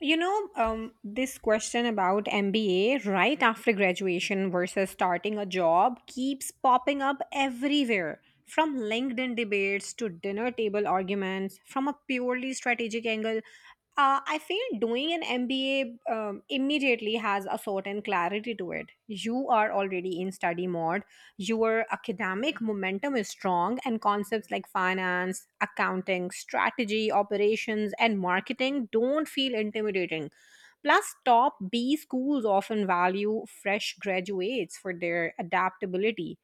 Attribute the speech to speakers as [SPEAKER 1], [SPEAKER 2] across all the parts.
[SPEAKER 1] This question about MBA right after graduation versus starting a job keeps popping up everywhere. From LinkedIn debates to dinner table arguments, from a purely strategic angle, I feel doing an MBA immediately has a certain clarity to it. You are already in study mode, your academic momentum is strong, and concepts like finance, accounting, strategy, operations, and marketing don't feel intimidating. Plus, top B schools often value fresh graduates for their adaptability.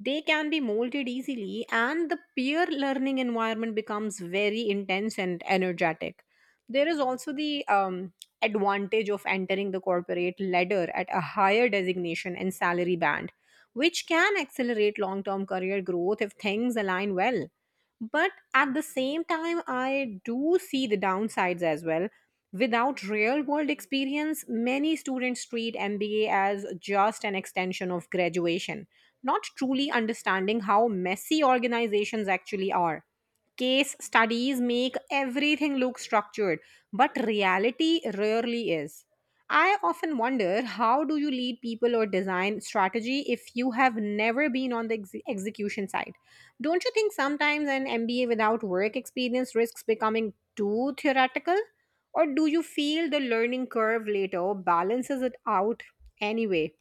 [SPEAKER 1] They can be molded easily, and the peer learning environment becomes very intense and energetic. There is also the advantage of entering the corporate ladder at a higher designation and salary band, which can accelerate long term career growth if things align well. But at the same time, I do see the downsides as well. Without real world experience, many students treat MBA as just an extension of graduation, not truly understanding how messy organizations actually are. Case studies make everything look structured, but reality rarely is. I often wonder, how do you lead people or design strategy if you have never been on the execution side? Don't you think sometimes an MBA without work experience risks becoming too theoretical? Or do you feel the learning curve later balances it out anyway?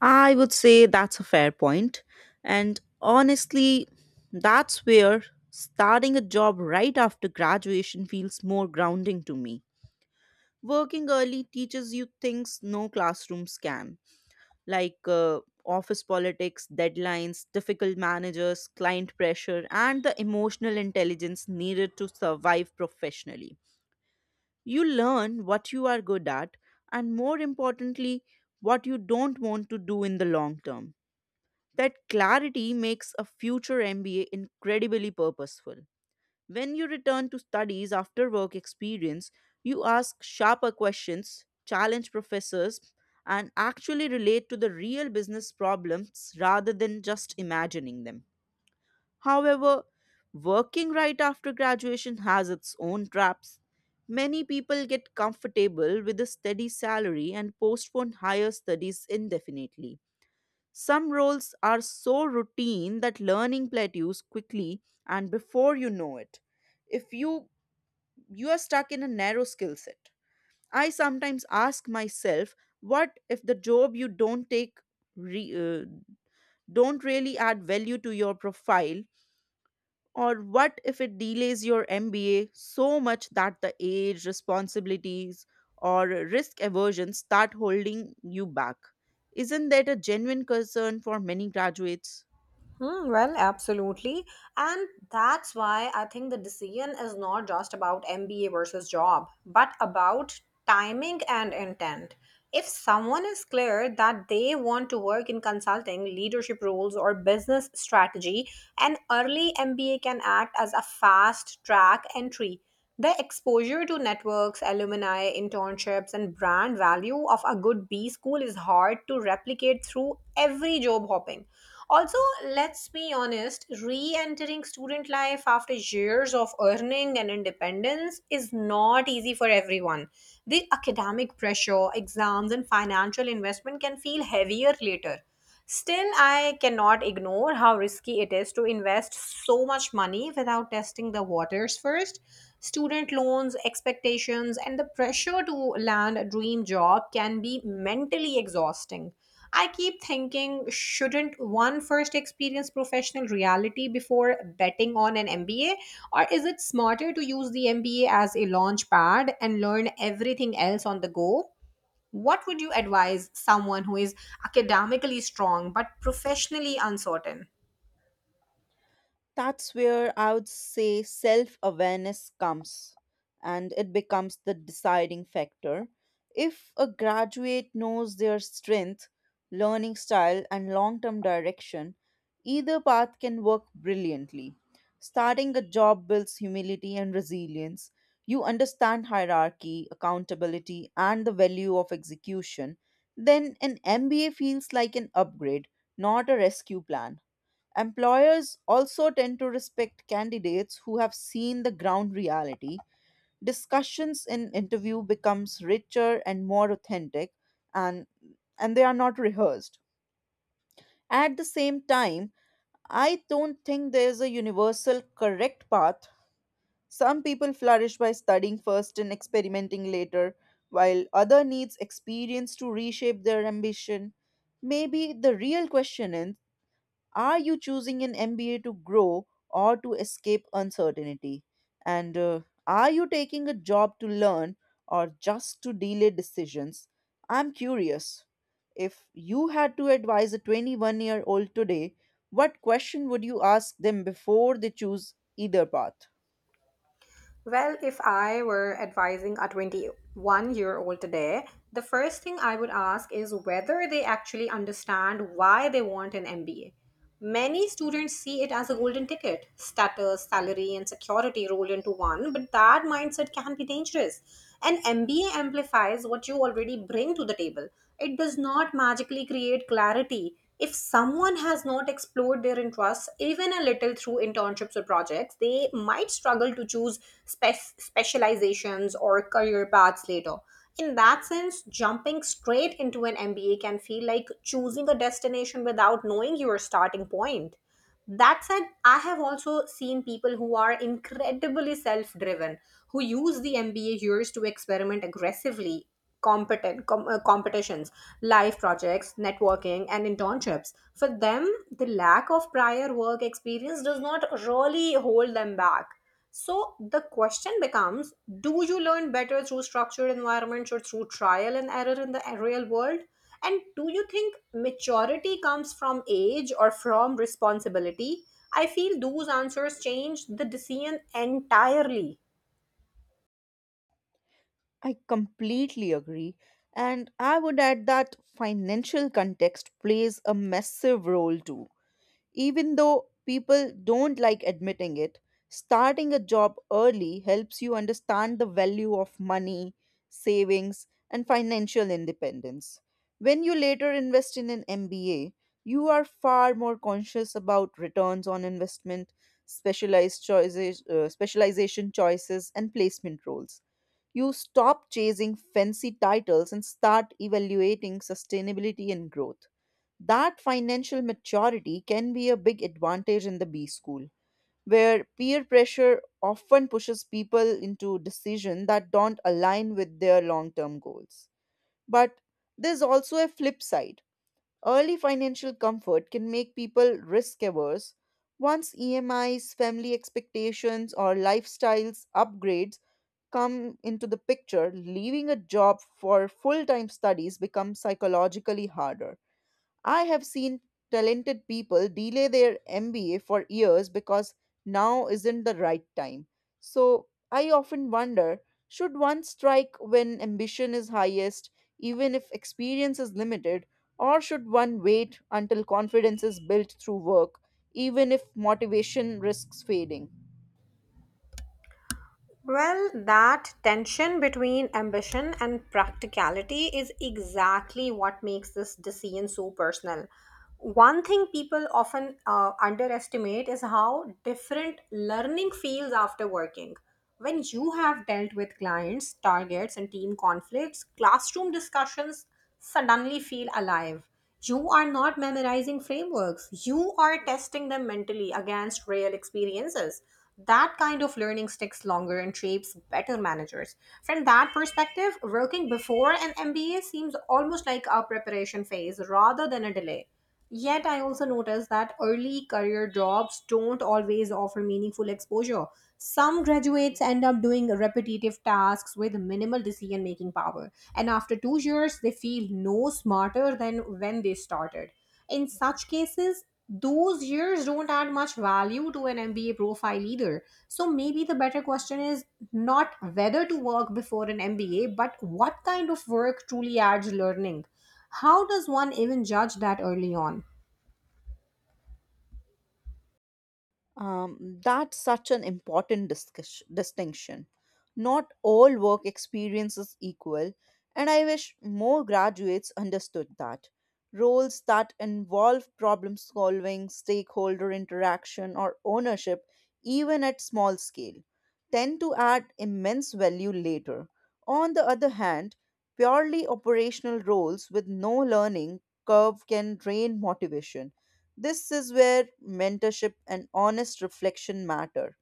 [SPEAKER 2] I would say that's a fair point. And honestly, that's where starting a job right after graduation feels more grounding to me. Working early teaches you things no classrooms can, like office politics, deadlines, difficult managers, client pressure, and the emotional intelligence needed to survive professionally. You learn what you are good at, and more importantly, what you don't want to do in the long term. That clarity makes a future MBA incredibly purposeful. When you return to studies after work experience, you ask sharper questions, challenge professors, and actually relate to the real business problems rather than just imagining them. However, working right after graduation has its own traps. Many people get comfortable with a steady salary and postpone higher studies indefinitely. Some roles are so routine that learning plateaus quickly, and before you know it, If you you are stuck in a narrow skill set. I sometimes ask myself, what if the job you don't take re, uh, don't really add value to your profile, or what if it delays your MBA so much that the age, responsibilities or risk aversion start holding you back? Isn't that a genuine concern for many graduates?
[SPEAKER 1] Hmm, well, absolutely. And that's why I think the decision is not just about MBA versus job, but about timing and intent. If someone is clear that they want to work in consulting, leadership roles, or business strategy, an early MBA can act as a fast track entry. The exposure to networks, alumni, internships, and brand value of a good B school is hard to replicate through every job hopping. Also, let's be honest, re entering student life after years of earning and independence is not easy for everyone. The academic pressure, exams, and financial investment can feel heavier later. Still, I cannot ignore how risky it is to invest so much money without testing the waters first. Student loans, expectations, and the pressure to land a dream job can be mentally exhausting. I keep thinking, shouldn't one first experience professional reality before betting on an MBA? Or is it smarter to use the MBA as a launch pad and learn everything else on the go? What would you advise someone who is academically strong but professionally uncertain?
[SPEAKER 2] That's where I would say self awareness comes, and it becomes the deciding factor. If a graduate knows their strength, learning style, and long term direction, either path can work brilliantly. Starting a job builds humility and resilience. You understand hierarchy, accountability, and the value of execution. Then an MBA feels like an upgrade, not a rescue plan. Employers also tend to respect candidates who have seen the ground reality. Discussions in interview becomes richer and more authentic, and and they are not rehearsed. At the same time, I don't think there is a universal correct path. Some people flourish by studying first and experimenting later, while other needs experience to reshape their ambition. Maybe the real question: are you choosing an MBA to grow or to escape uncertainty? And Are you taking a job to learn or just to delay decisions? I'm curious. If you had to advise a 21-year-old today, what question would you ask them before they choose either path?
[SPEAKER 1] Well, if I were advising a 21-year-old year old today, the first thing I would ask is whether they actually understand why they want an MBA. Many students see it as a golden ticket, status, salary, and security rolled into one, but that mindset can be dangerous. An MBA amplifies what you already bring to the table. It does not magically create clarity. If someone has not explored their interests even a little through internships or projects, they might struggle to choose specializations or career paths later. In that sense, jumping straight into an MBA can feel like choosing a destination without knowing your starting point. That said, I have also seen people who are incredibly self driven, who use the MBA years to experiment aggressively, competitions, live projects, networking, and internships. For them, the lack of prior work experience does not really hold them back. So the question becomes, do you learn better through structured environments or through trial and error in the real world? And do you think maturity comes from age or from responsibility? I feel those answers change the decision entirely.
[SPEAKER 2] I completely agree. And I would add that financial context plays a massive role too. Even though people don't like admitting it, starting a job early helps you understand the value of money, savings, and financial independence. When you later invest in an MBA, you are far more conscious about returns on investment, specialization choices, and placement roles. You stop chasing fancy titles and start evaluating sustainability and growth. That financial maturity can be a big advantage in the B school, where peer pressure often pushes people into decisions that don't align with their long term goals. But there's also a flip side. Early financial comfort can make people risk averse. Once EMIs, family expectations, or lifestyles upgrade come into the picture, leaving a job for full time studies becomes psychologically harder. I have seen talented people delay their MBA for years because now isn't the right time. So I often wonder, should one strike when ambition is highest, even if experience is limited, or should one wait until confidence is built through work, even if motivation risks fading?
[SPEAKER 1] Well, that tension between ambition and practicality is exactly what makes this decision so personal. One thing people often underestimate is how different learning feels after working. When you have dealt with clients, targets, and team conflicts, classroom discussions suddenly feel alive. You are not memorizing frameworks, you are testing them mentally against real experiences. That kind of learning sticks longer and shapes better managers. From that perspective, working before an MBA seems almost like a preparation phase rather than a delay. Yet, I also noticed that early career jobs don't always offer meaningful exposure. Some graduates end up doing repetitive tasks with minimal decision making power, and after two years, they feel no smarter than when they started. In such cases, those years don't add much value to an MBA profile either. So, maybe the better question is not whether to work before an MBA, but what kind of work truly adds learning. How does one even judge that early on?
[SPEAKER 2] That's such an important distinction. Not all work experience is equal, and I wish more graduates understood that. Roles that involve problem solving, stakeholder interaction, or ownership, even at small scale, tend to add immense value later. On the other hand, purely operational roles with no learning curve can drain motivation. This is where mentorship and honest reflection matter.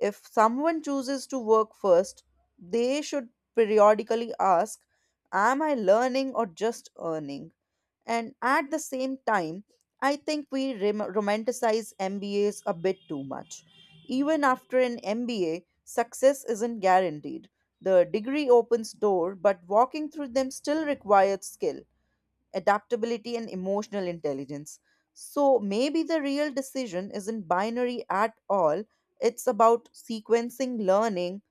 [SPEAKER 2] If someone chooses to work first, they should periodically ask, am I learning or just earning? And at the same time, I think we romanticize MBAs a bit too much. Even after an MBA, success isn't guaranteed. The degree opens door, but walking through them still requires skill, adaptability, and emotional intelligence. So maybe the real decision isn't binary at all. It's about sequencing learning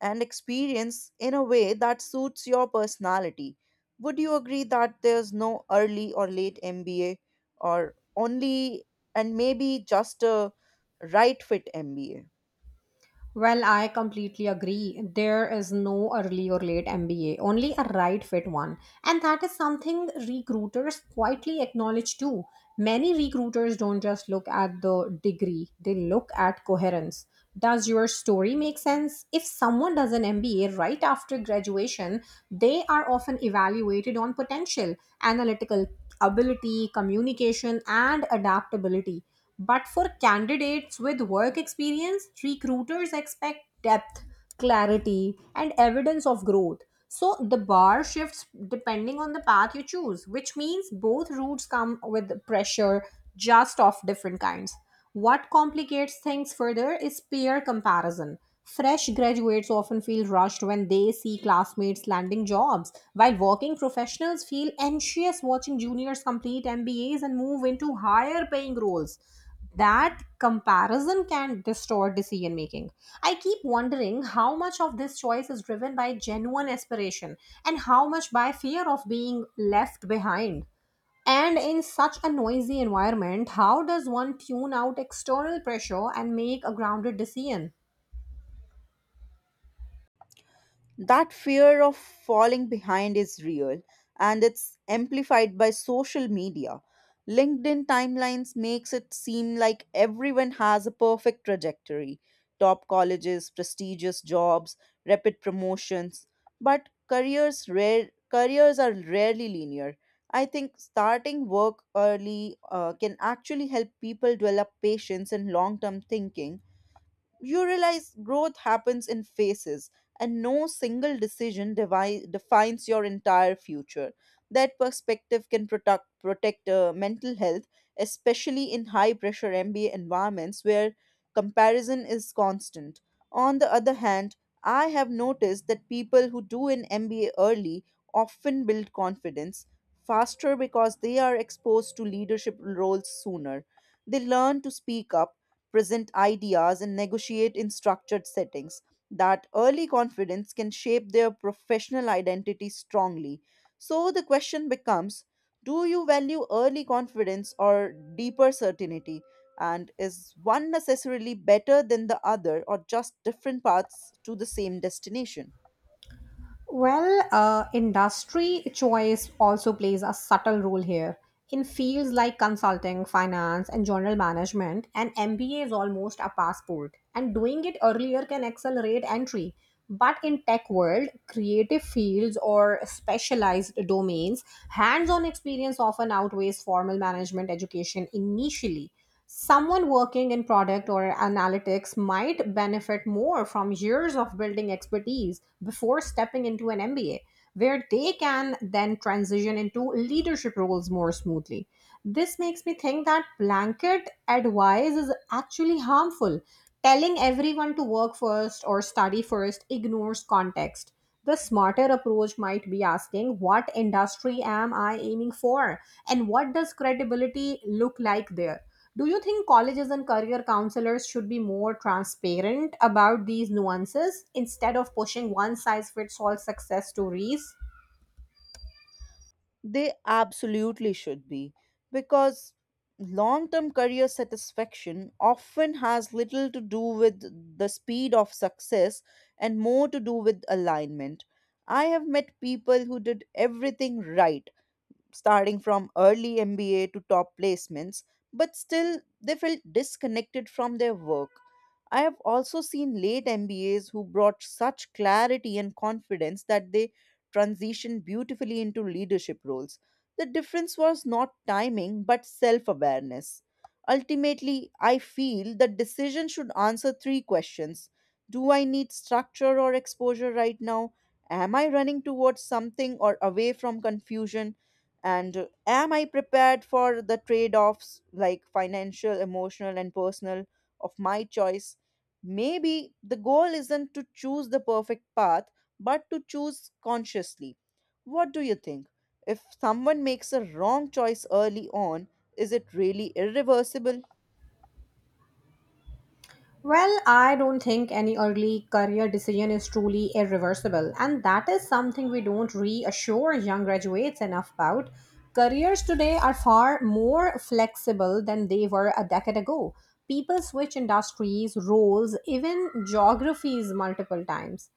[SPEAKER 2] and experience in a way that suits your personality. Would you agree that there's no early or late MBA, or only, and maybe just a right fit MBA?
[SPEAKER 1] Well, I completely agree. There is no early or late MBA, only a right fit one. And that is something recruiters quietly acknowledge too. Many recruiters don't just look at the degree, they look at coherence. Does your story make sense? If someone does an MBA right after graduation, they are often evaluated on potential, analytical ability, communication, and adaptability. But for candidates with work experience, recruiters expect depth, clarity, and evidence of growth. So the bar shifts depending on the path you choose, which means both routes come with pressure, just of different kinds. What complicates things further is peer comparison. Fresh graduates often feel rushed when they see classmates landing jobs, while working professionals feel anxious watching juniors complete MBAs and move into higher paying roles. That comparison can distort decision making. I keep wondering how much of this choice is driven by genuine aspiration and how much by fear of being left behind. And in such a noisy environment, how does one tune out external pressure and make a grounded decision?
[SPEAKER 2] That fear of falling behind is real, and it's amplified by social media. LinkedIn timelines makes it seem like everyone has a perfect trajectory. Top colleges, prestigious jobs, rapid promotions, but careers are rarely linear. I think starting work early can actually help people develop patience and long-term thinking. You realize growth happens in phases, and no single decision defines your entire future. That perspective can protect mental health, especially in high pressure MBA environments where comparison is constant. On the other hand, I have noticed that people who do an MBA early often build confidence faster because they are exposed to leadership roles sooner. They learn to speak up, present ideas, and negotiate in structured settings. That early confidence can shape their professional identity strongly. So the question becomes, do you value early confidence or deeper certainty? And is one necessarily better than the other, or just different paths to the same destination?
[SPEAKER 1] Well, industry choice also plays a subtle role here. In fields like consulting, finance, and general management, an MBA is almost a passport, and doing it earlier can accelerate entry. But in tech world, creative fields, or specialized domains, hands-on experience often outweighs formal management education initially. Someone working in product or analytics might benefit more from years of building expertise before stepping into an MBA, where they can then transition into leadership roles more smoothly. This makes me think that blanket advice is actually harmful. Telling everyone to work first or study first ignores context. The smarter approach might be asking, what industry am I aiming for and what does credibility look like there? Do you think colleges and career counselors should be more transparent about these nuances instead of pushing one size fits all success stories?
[SPEAKER 2] They absolutely should be, because long term career satisfaction often has little to do with the speed of success and more to do with alignment. I have met people who did everything right, starting from early MBA to top placements, but still they felt disconnected from their work. I have also seen late MBAs who brought such clarity and confidence that they transitioned beautifully into leadership roles. The difference was not timing but self awareness. Ultimately, I feel that decision should answer three questions: do I need structure or exposure right now? Am I running towards something or away from confusion? And am I prepared for the trade offs, like financial, emotional, and personal, of my choice? Maybe the goal isn't to choose the perfect path, but to choose consciously. What do you think, if someone makes a wrong choice early on, is it really irreversible?
[SPEAKER 1] Well, I don't think any early career decision is truly irreversible, and that is something we don't reassure young graduates enough about. Careers today are far more flexible than they were a decade ago. People switch industries, roles, even geographies multiple times.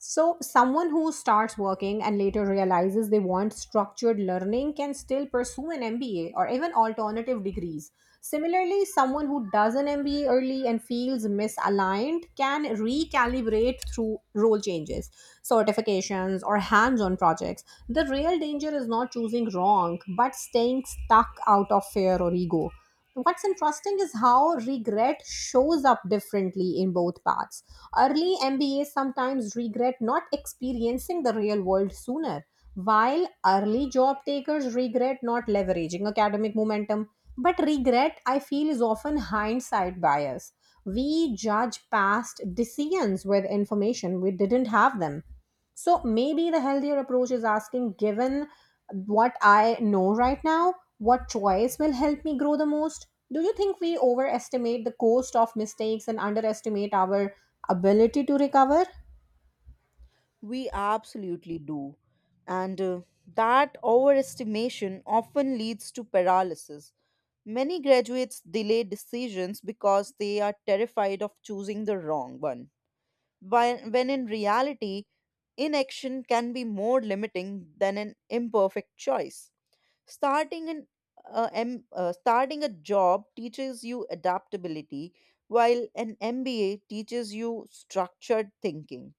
[SPEAKER 1] So, someone who starts working and later realizes they want structured learning can still pursue an MBA or even alternative degrees. Similarly, someone who does an MBA early and feels misaligned can recalibrate through role changes, certifications, or hands on projects. The real danger is not choosing wrong, but staying stuck out of fear or ego. What's interesting is how regret shows up differently in both paths. Early MBAs sometimes regret not experiencing the real world sooner, while early job takers regret not leveraging academic momentum. But regret, I feel, is often hindsight bias. We judge past decisions with information we didn't have them. So maybe the healthier approach is asking, given what I know right now, what choice will help me grow the most? Do you think we overestimate the cost of mistakes and underestimate our ability to recover?
[SPEAKER 2] We absolutely do. And that overestimation often leads to paralysis. Many graduates delay decisions because they are terrified of choosing the wrong one. When in reality, inaction can be more limiting than an imperfect choice. Starting an Starting a job teaches you adaptability, while an MBA teaches you structured thinking.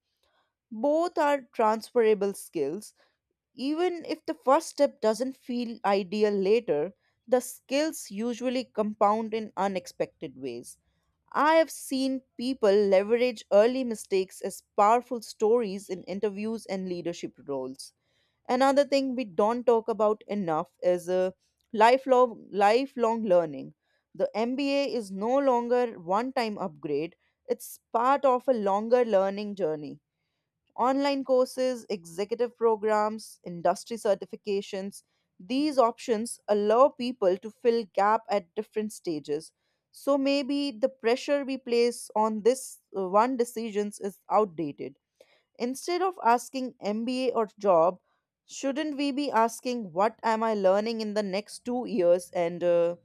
[SPEAKER 2] Both are transferable skills. Even if the first step doesn't feel ideal later, the skills usually compound in unexpected ways. I have seen people leverage early mistakes as powerful stories in interviews and leadership roles. Another thing we don't talk about enough is lifelong learning. The MBA is no longer one time upgrade, it's part of a longer learning journey. Online courses, executive programs, industry certifications, these options allow people to fill gap at different stages. So maybe the pressure we place on this one decisions is outdated. Instead of asking MBA or job, shouldn't we be asking, what am I learning in the next 2 years, and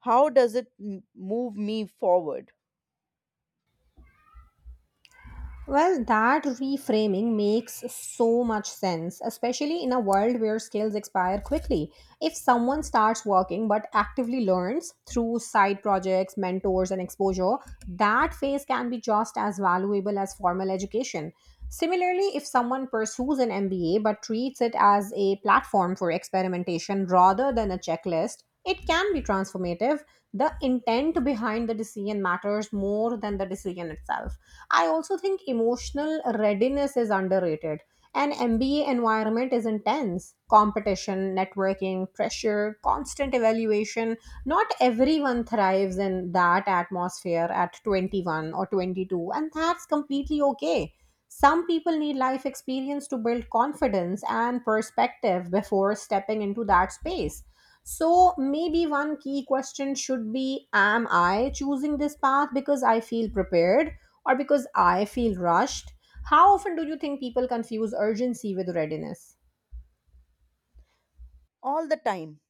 [SPEAKER 2] how does it move me forward?
[SPEAKER 1] Well, that reframing makes so much sense, especially in a world where skills expire quickly. If someone starts working but actively learns through side projects, mentors, and exposure, that phase can be just as valuable as formal education. Similarly, if someone pursues an MBA but treats it as a platform for experimentation rather than a checklist, it can be transformative. The intent behind the decision matters more than the decision itself. I also think emotional readiness is underrated. An MBA environment is intense competition, networking, pressure, constant evaluation. Not everyone thrives in that atmosphere at 21 or 22, and that's completely okay. Some people need life experience to build confidence and perspective before stepping into that space. So maybe one key question should be, am I choosing this path because I feel prepared or because I feel rushed? How often do you think people confuse urgency with readiness?
[SPEAKER 2] All the time.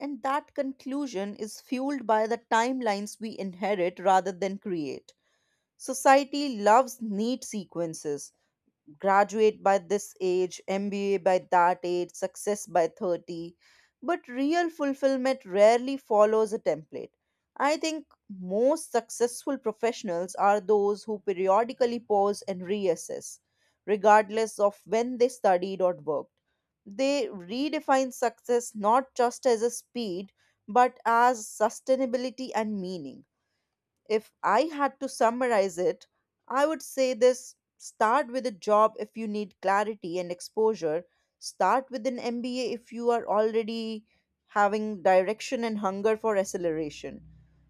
[SPEAKER 2] And that conclusion is fueled by the timelines we inherit rather than create. Society loves neat sequences: graduate by this age, MBA by that age, success by 30. But real fulfillment rarely follows a template. I think most successful professionals are those who periodically pause and reassess, regardless of when they studied or worked. They redefine success not just as a speed, but as sustainability and meaning. If I had to summarize it, I would say this: start with a job if you need clarity and exposure. Start with an MBA if you are already having direction and hunger for acceleration.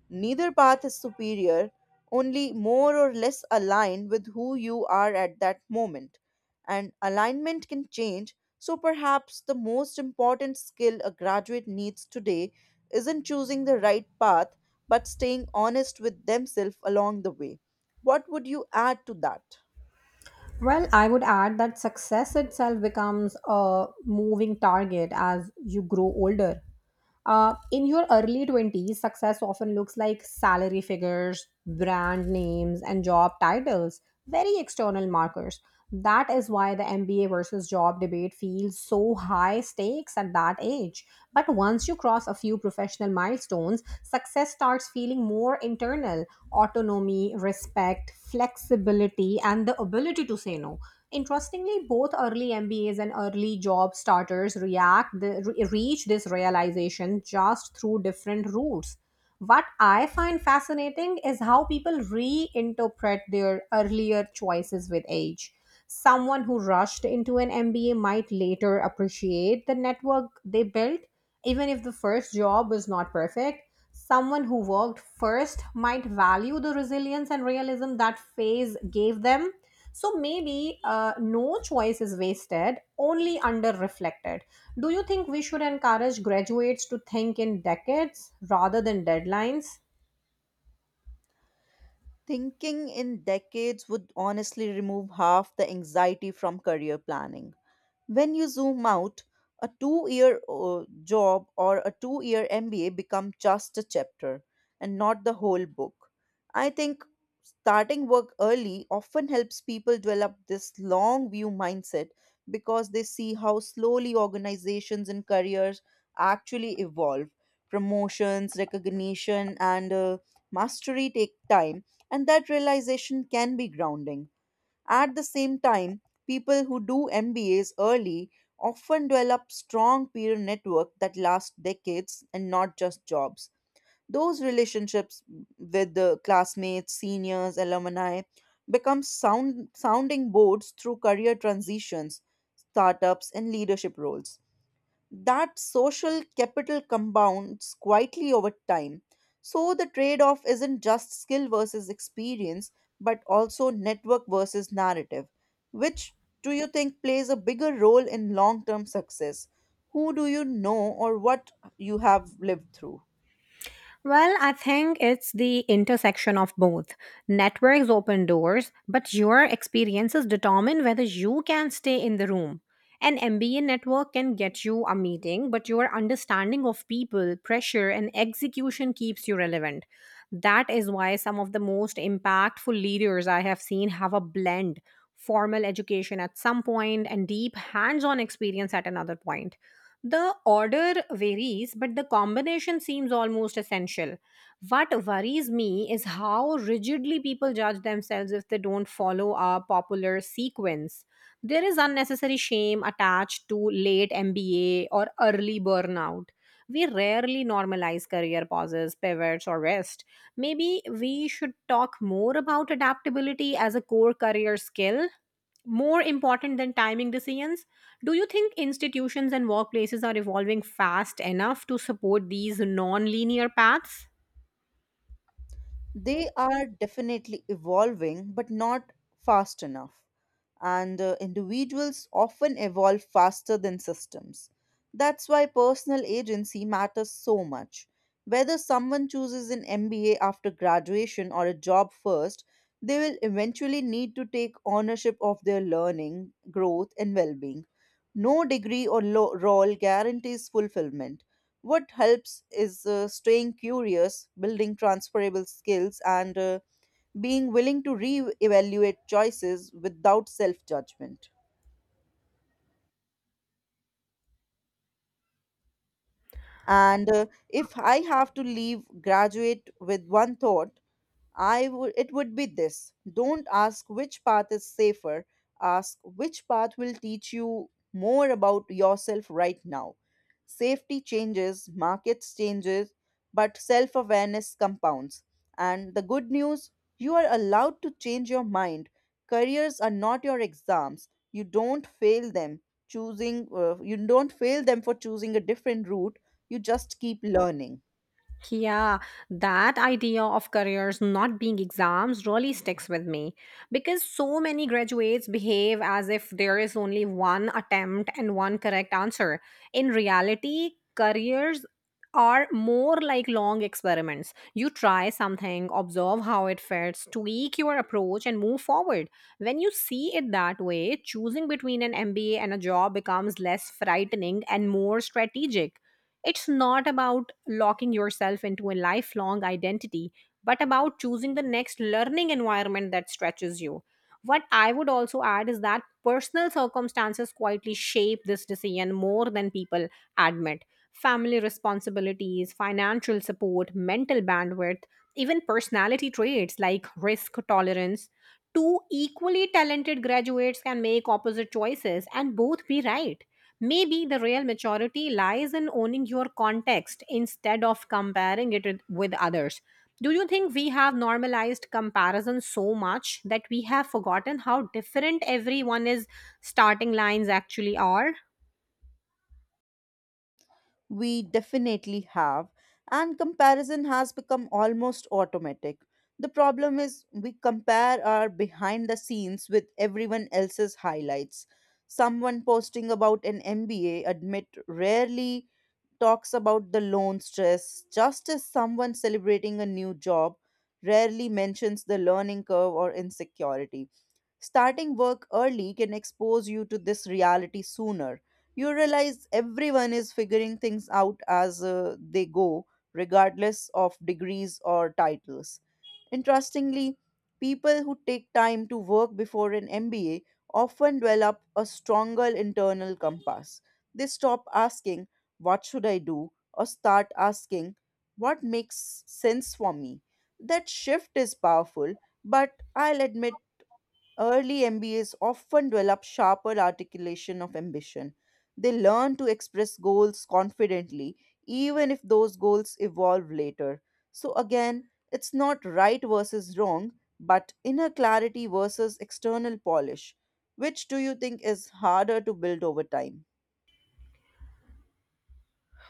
[SPEAKER 2] Neither path is superior, only more or less aligned with who you are at that moment. And alignment can change, so perhaps the most important skill a graduate needs today isn't choosing the right path, but staying honest with themselves along the way. What would you add to that?
[SPEAKER 1] Well, I would add that success itself becomes a moving target as you grow older. In your early 20s, success often looks like salary figures, brand names, and job titles, very external markers. That is why the MBA versus job debate feels so high stakes at that age. But once you cross a few professional milestones, success starts feeling more internal, autonomy, respect, flexibility, and the ability to say no. Interestingly, both early MBAs and early job starters reach this realization just through different routes. What I find fascinating is how people reinterpret their earlier choices with age. Someone who rushed into an MBA might later appreciate the network they built, even if the first job was not perfect. Someone who worked first might value the resilience and realism that phase gave them. So maybe no choice is wasted, only under reflected. Do you think we should encourage graduates to think in decades rather than deadlines?
[SPEAKER 2] Thinking in decades would honestly remove half the anxiety from career planning. When you zoom out, a 2 year job or a 2 year MBA become just a chapter and not the whole book. I think starting work early often helps people develop this long view mindset because they see how slowly organizations and careers actually evolve. Promotions, recognition, and mastery take time, and that realization can be grounding. At the same time, people who do MBAs early often develop strong peer network that lasts decades and not just jobs. Those relationships with the classmates, seniors, alumni become sounding boards through career transitions, startups and leadership roles. That social capital compounds quietly over time. So the trade off isn't just skill versus experience, but also network versus narrative. Which do you think plays a bigger role in long term success? Who do you know, or what you have lived through?
[SPEAKER 1] Well, I think it's the intersection of both. Networks open doors, but your experiences determine whether you can stay in the room. An MBA network can get you a meeting, but your understanding of people, pressure, and execution keeps you relevant. That is why some of the most impactful leaders I have seen have a blend, formal education at some point and deep hands on experience at another point. The order varies, but the combination seems almost essential. What worries me is how rigidly people judge themselves if they don't follow a popular sequence. There is unnecessary shame attached to late MBA or early burnout. We rarely normalize career pauses, pivots, or rest. Maybe we should talk more about adaptability as a core career skill, more important than timing decisions. Do you think institutions and workplaces are evolving fast enough to support these non-linear paths?
[SPEAKER 2] They are definitely evolving, but not fast enough. And individuals often evolve faster than systems. That's why personal agency matters so much. Whether someone chooses an MBA after graduation or a job first, they will eventually need to take ownership of their learning, growth, and well being. No degree or role guarantees fulfillment. What helps is staying curious, building transferable skills, and being willing to re-evaluate choices without self-judgment. And if I have to leave, graduate with one thought, I would it would be this. Don't ask which path is safer, ask which path will teach you more about yourself right now. Safety changes, markets changes, but self-awareness compounds. And the good news, you are allowed to change your mind. Careers are not your exams. You don't fail them for choosing a different route. You just keep learning.
[SPEAKER 1] Yeah, that idea of careers not being exams really sticks with me, because so many graduates behave as if there is only one attempt and one correct answer. In reality, careers are more like long experiments. You try something, observe how it fits, tweak your approach, and move forward. When you see it that way, choosing between an MBA and a job becomes less frightening and more strategic. It's not about locking yourself into a lifelong identity, but about choosing the next learning environment that stretches you. What I would also add is that personal circumstances quietly shape this decision more than people admit. Family responsibilities, financial support, mental bandwidth, even personality traits like risk tolerance. Two equally talented graduates can make opposite choices and both be right. Maybe the real maturity lies in owning your context instead of comparing it with others. Do you think we have normalized comparison so much that we have forgotten how different everyone's starting lines actually are?
[SPEAKER 2] We definitely have, and comparison has become almost automatic. The problem is, we compare our behind the scenes with everyone else's highlights. Someone posting about an MBA admit rarely talks about the loan stress, just as someone celebrating a new job rarely mentions the learning curve or insecurities. Starting work early can expose you to this reality sooner. You realize everyone is figuring things out as they go, regardless of degrees or titles. Interestingly, people who take time to work before an MBA often develop a stronger internal compass. They stop asking, what should I do? Or start asking, what makes sense for me? That shift is powerful, but I'll admit early MBAs often develop sharper articulation of ambition. They learn to express goals confidently, even if those goals evolve later. So, again, it's not right versus wrong, but inner clarity versus external polish. Which do you think is harder to build over time?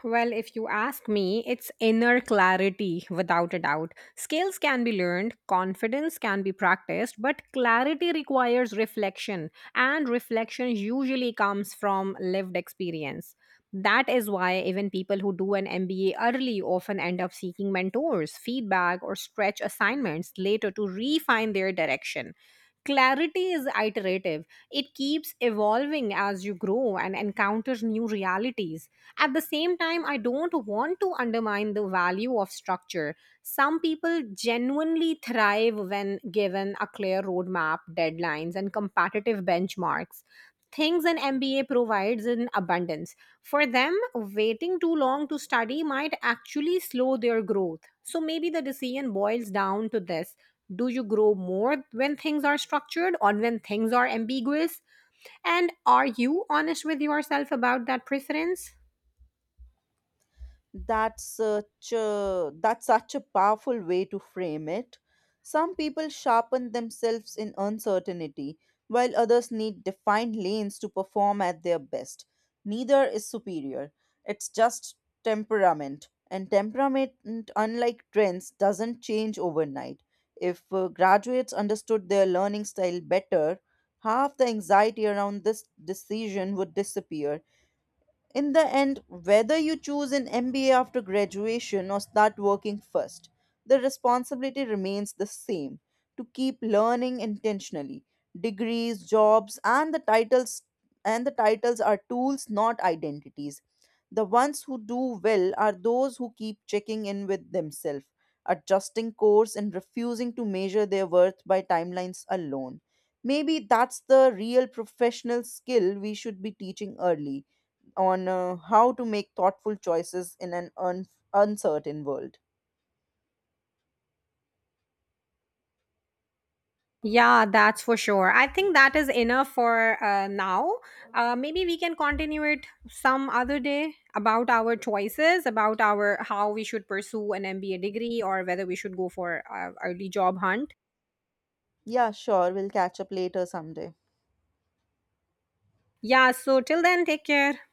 [SPEAKER 1] Well, if you ask me, it's inner clarity without a doubt. Skills can be learned, confidence can be practiced, but clarity requires reflection, and reflection usually comes from lived experience. That is why even people who do an MBA early often end up seeking mentors, feedback, or stretch assignments later to refine their direction. Clarity is iterative, it keeps evolving as you grow and encounter new realities. At the same time, I don't want to undermine the value of structure. Some people genuinely thrive when given a clear roadmap, deadlines, and competitive benchmarks, things an MBA provides in abundance. For them, waiting too long to study might actually slow their growth. So maybe the decision boils down to this: do you grow more when things are structured or when things are ambiguous? And are you honest with yourself about that preference?
[SPEAKER 2] That's such a powerful way to frame it. Some people sharpen themselves in uncertainty, while others need defined lanes to perform at their best. Neither is superior. It's just temperament. And temperament, unlike trends, doesn't change overnight. If graduates understood their learning style better, half the anxiety around this decision would disappear. In the end, whether you choose an MBA after graduation or start working first, the responsibility remains the same, to keep learning intentionally. Degrees, jobs, and the titles are tools, not identities. The ones who do well are those who keep checking in with themselves, adjusting course and refusing to measure their worth by timelines alone. Maybe that's the real professional skill we should be teaching early on, how to make thoughtful choices in an uncertain world.
[SPEAKER 1] Yeah, that's for sure. I think that is enough for now. Maybe we can continue it some other day about our choices, about our how we should pursue an MBA degree or whether we should go for early job hunt.
[SPEAKER 2] Yeah, sure. We'll catch up later someday.
[SPEAKER 1] Yeah, so till then, take care.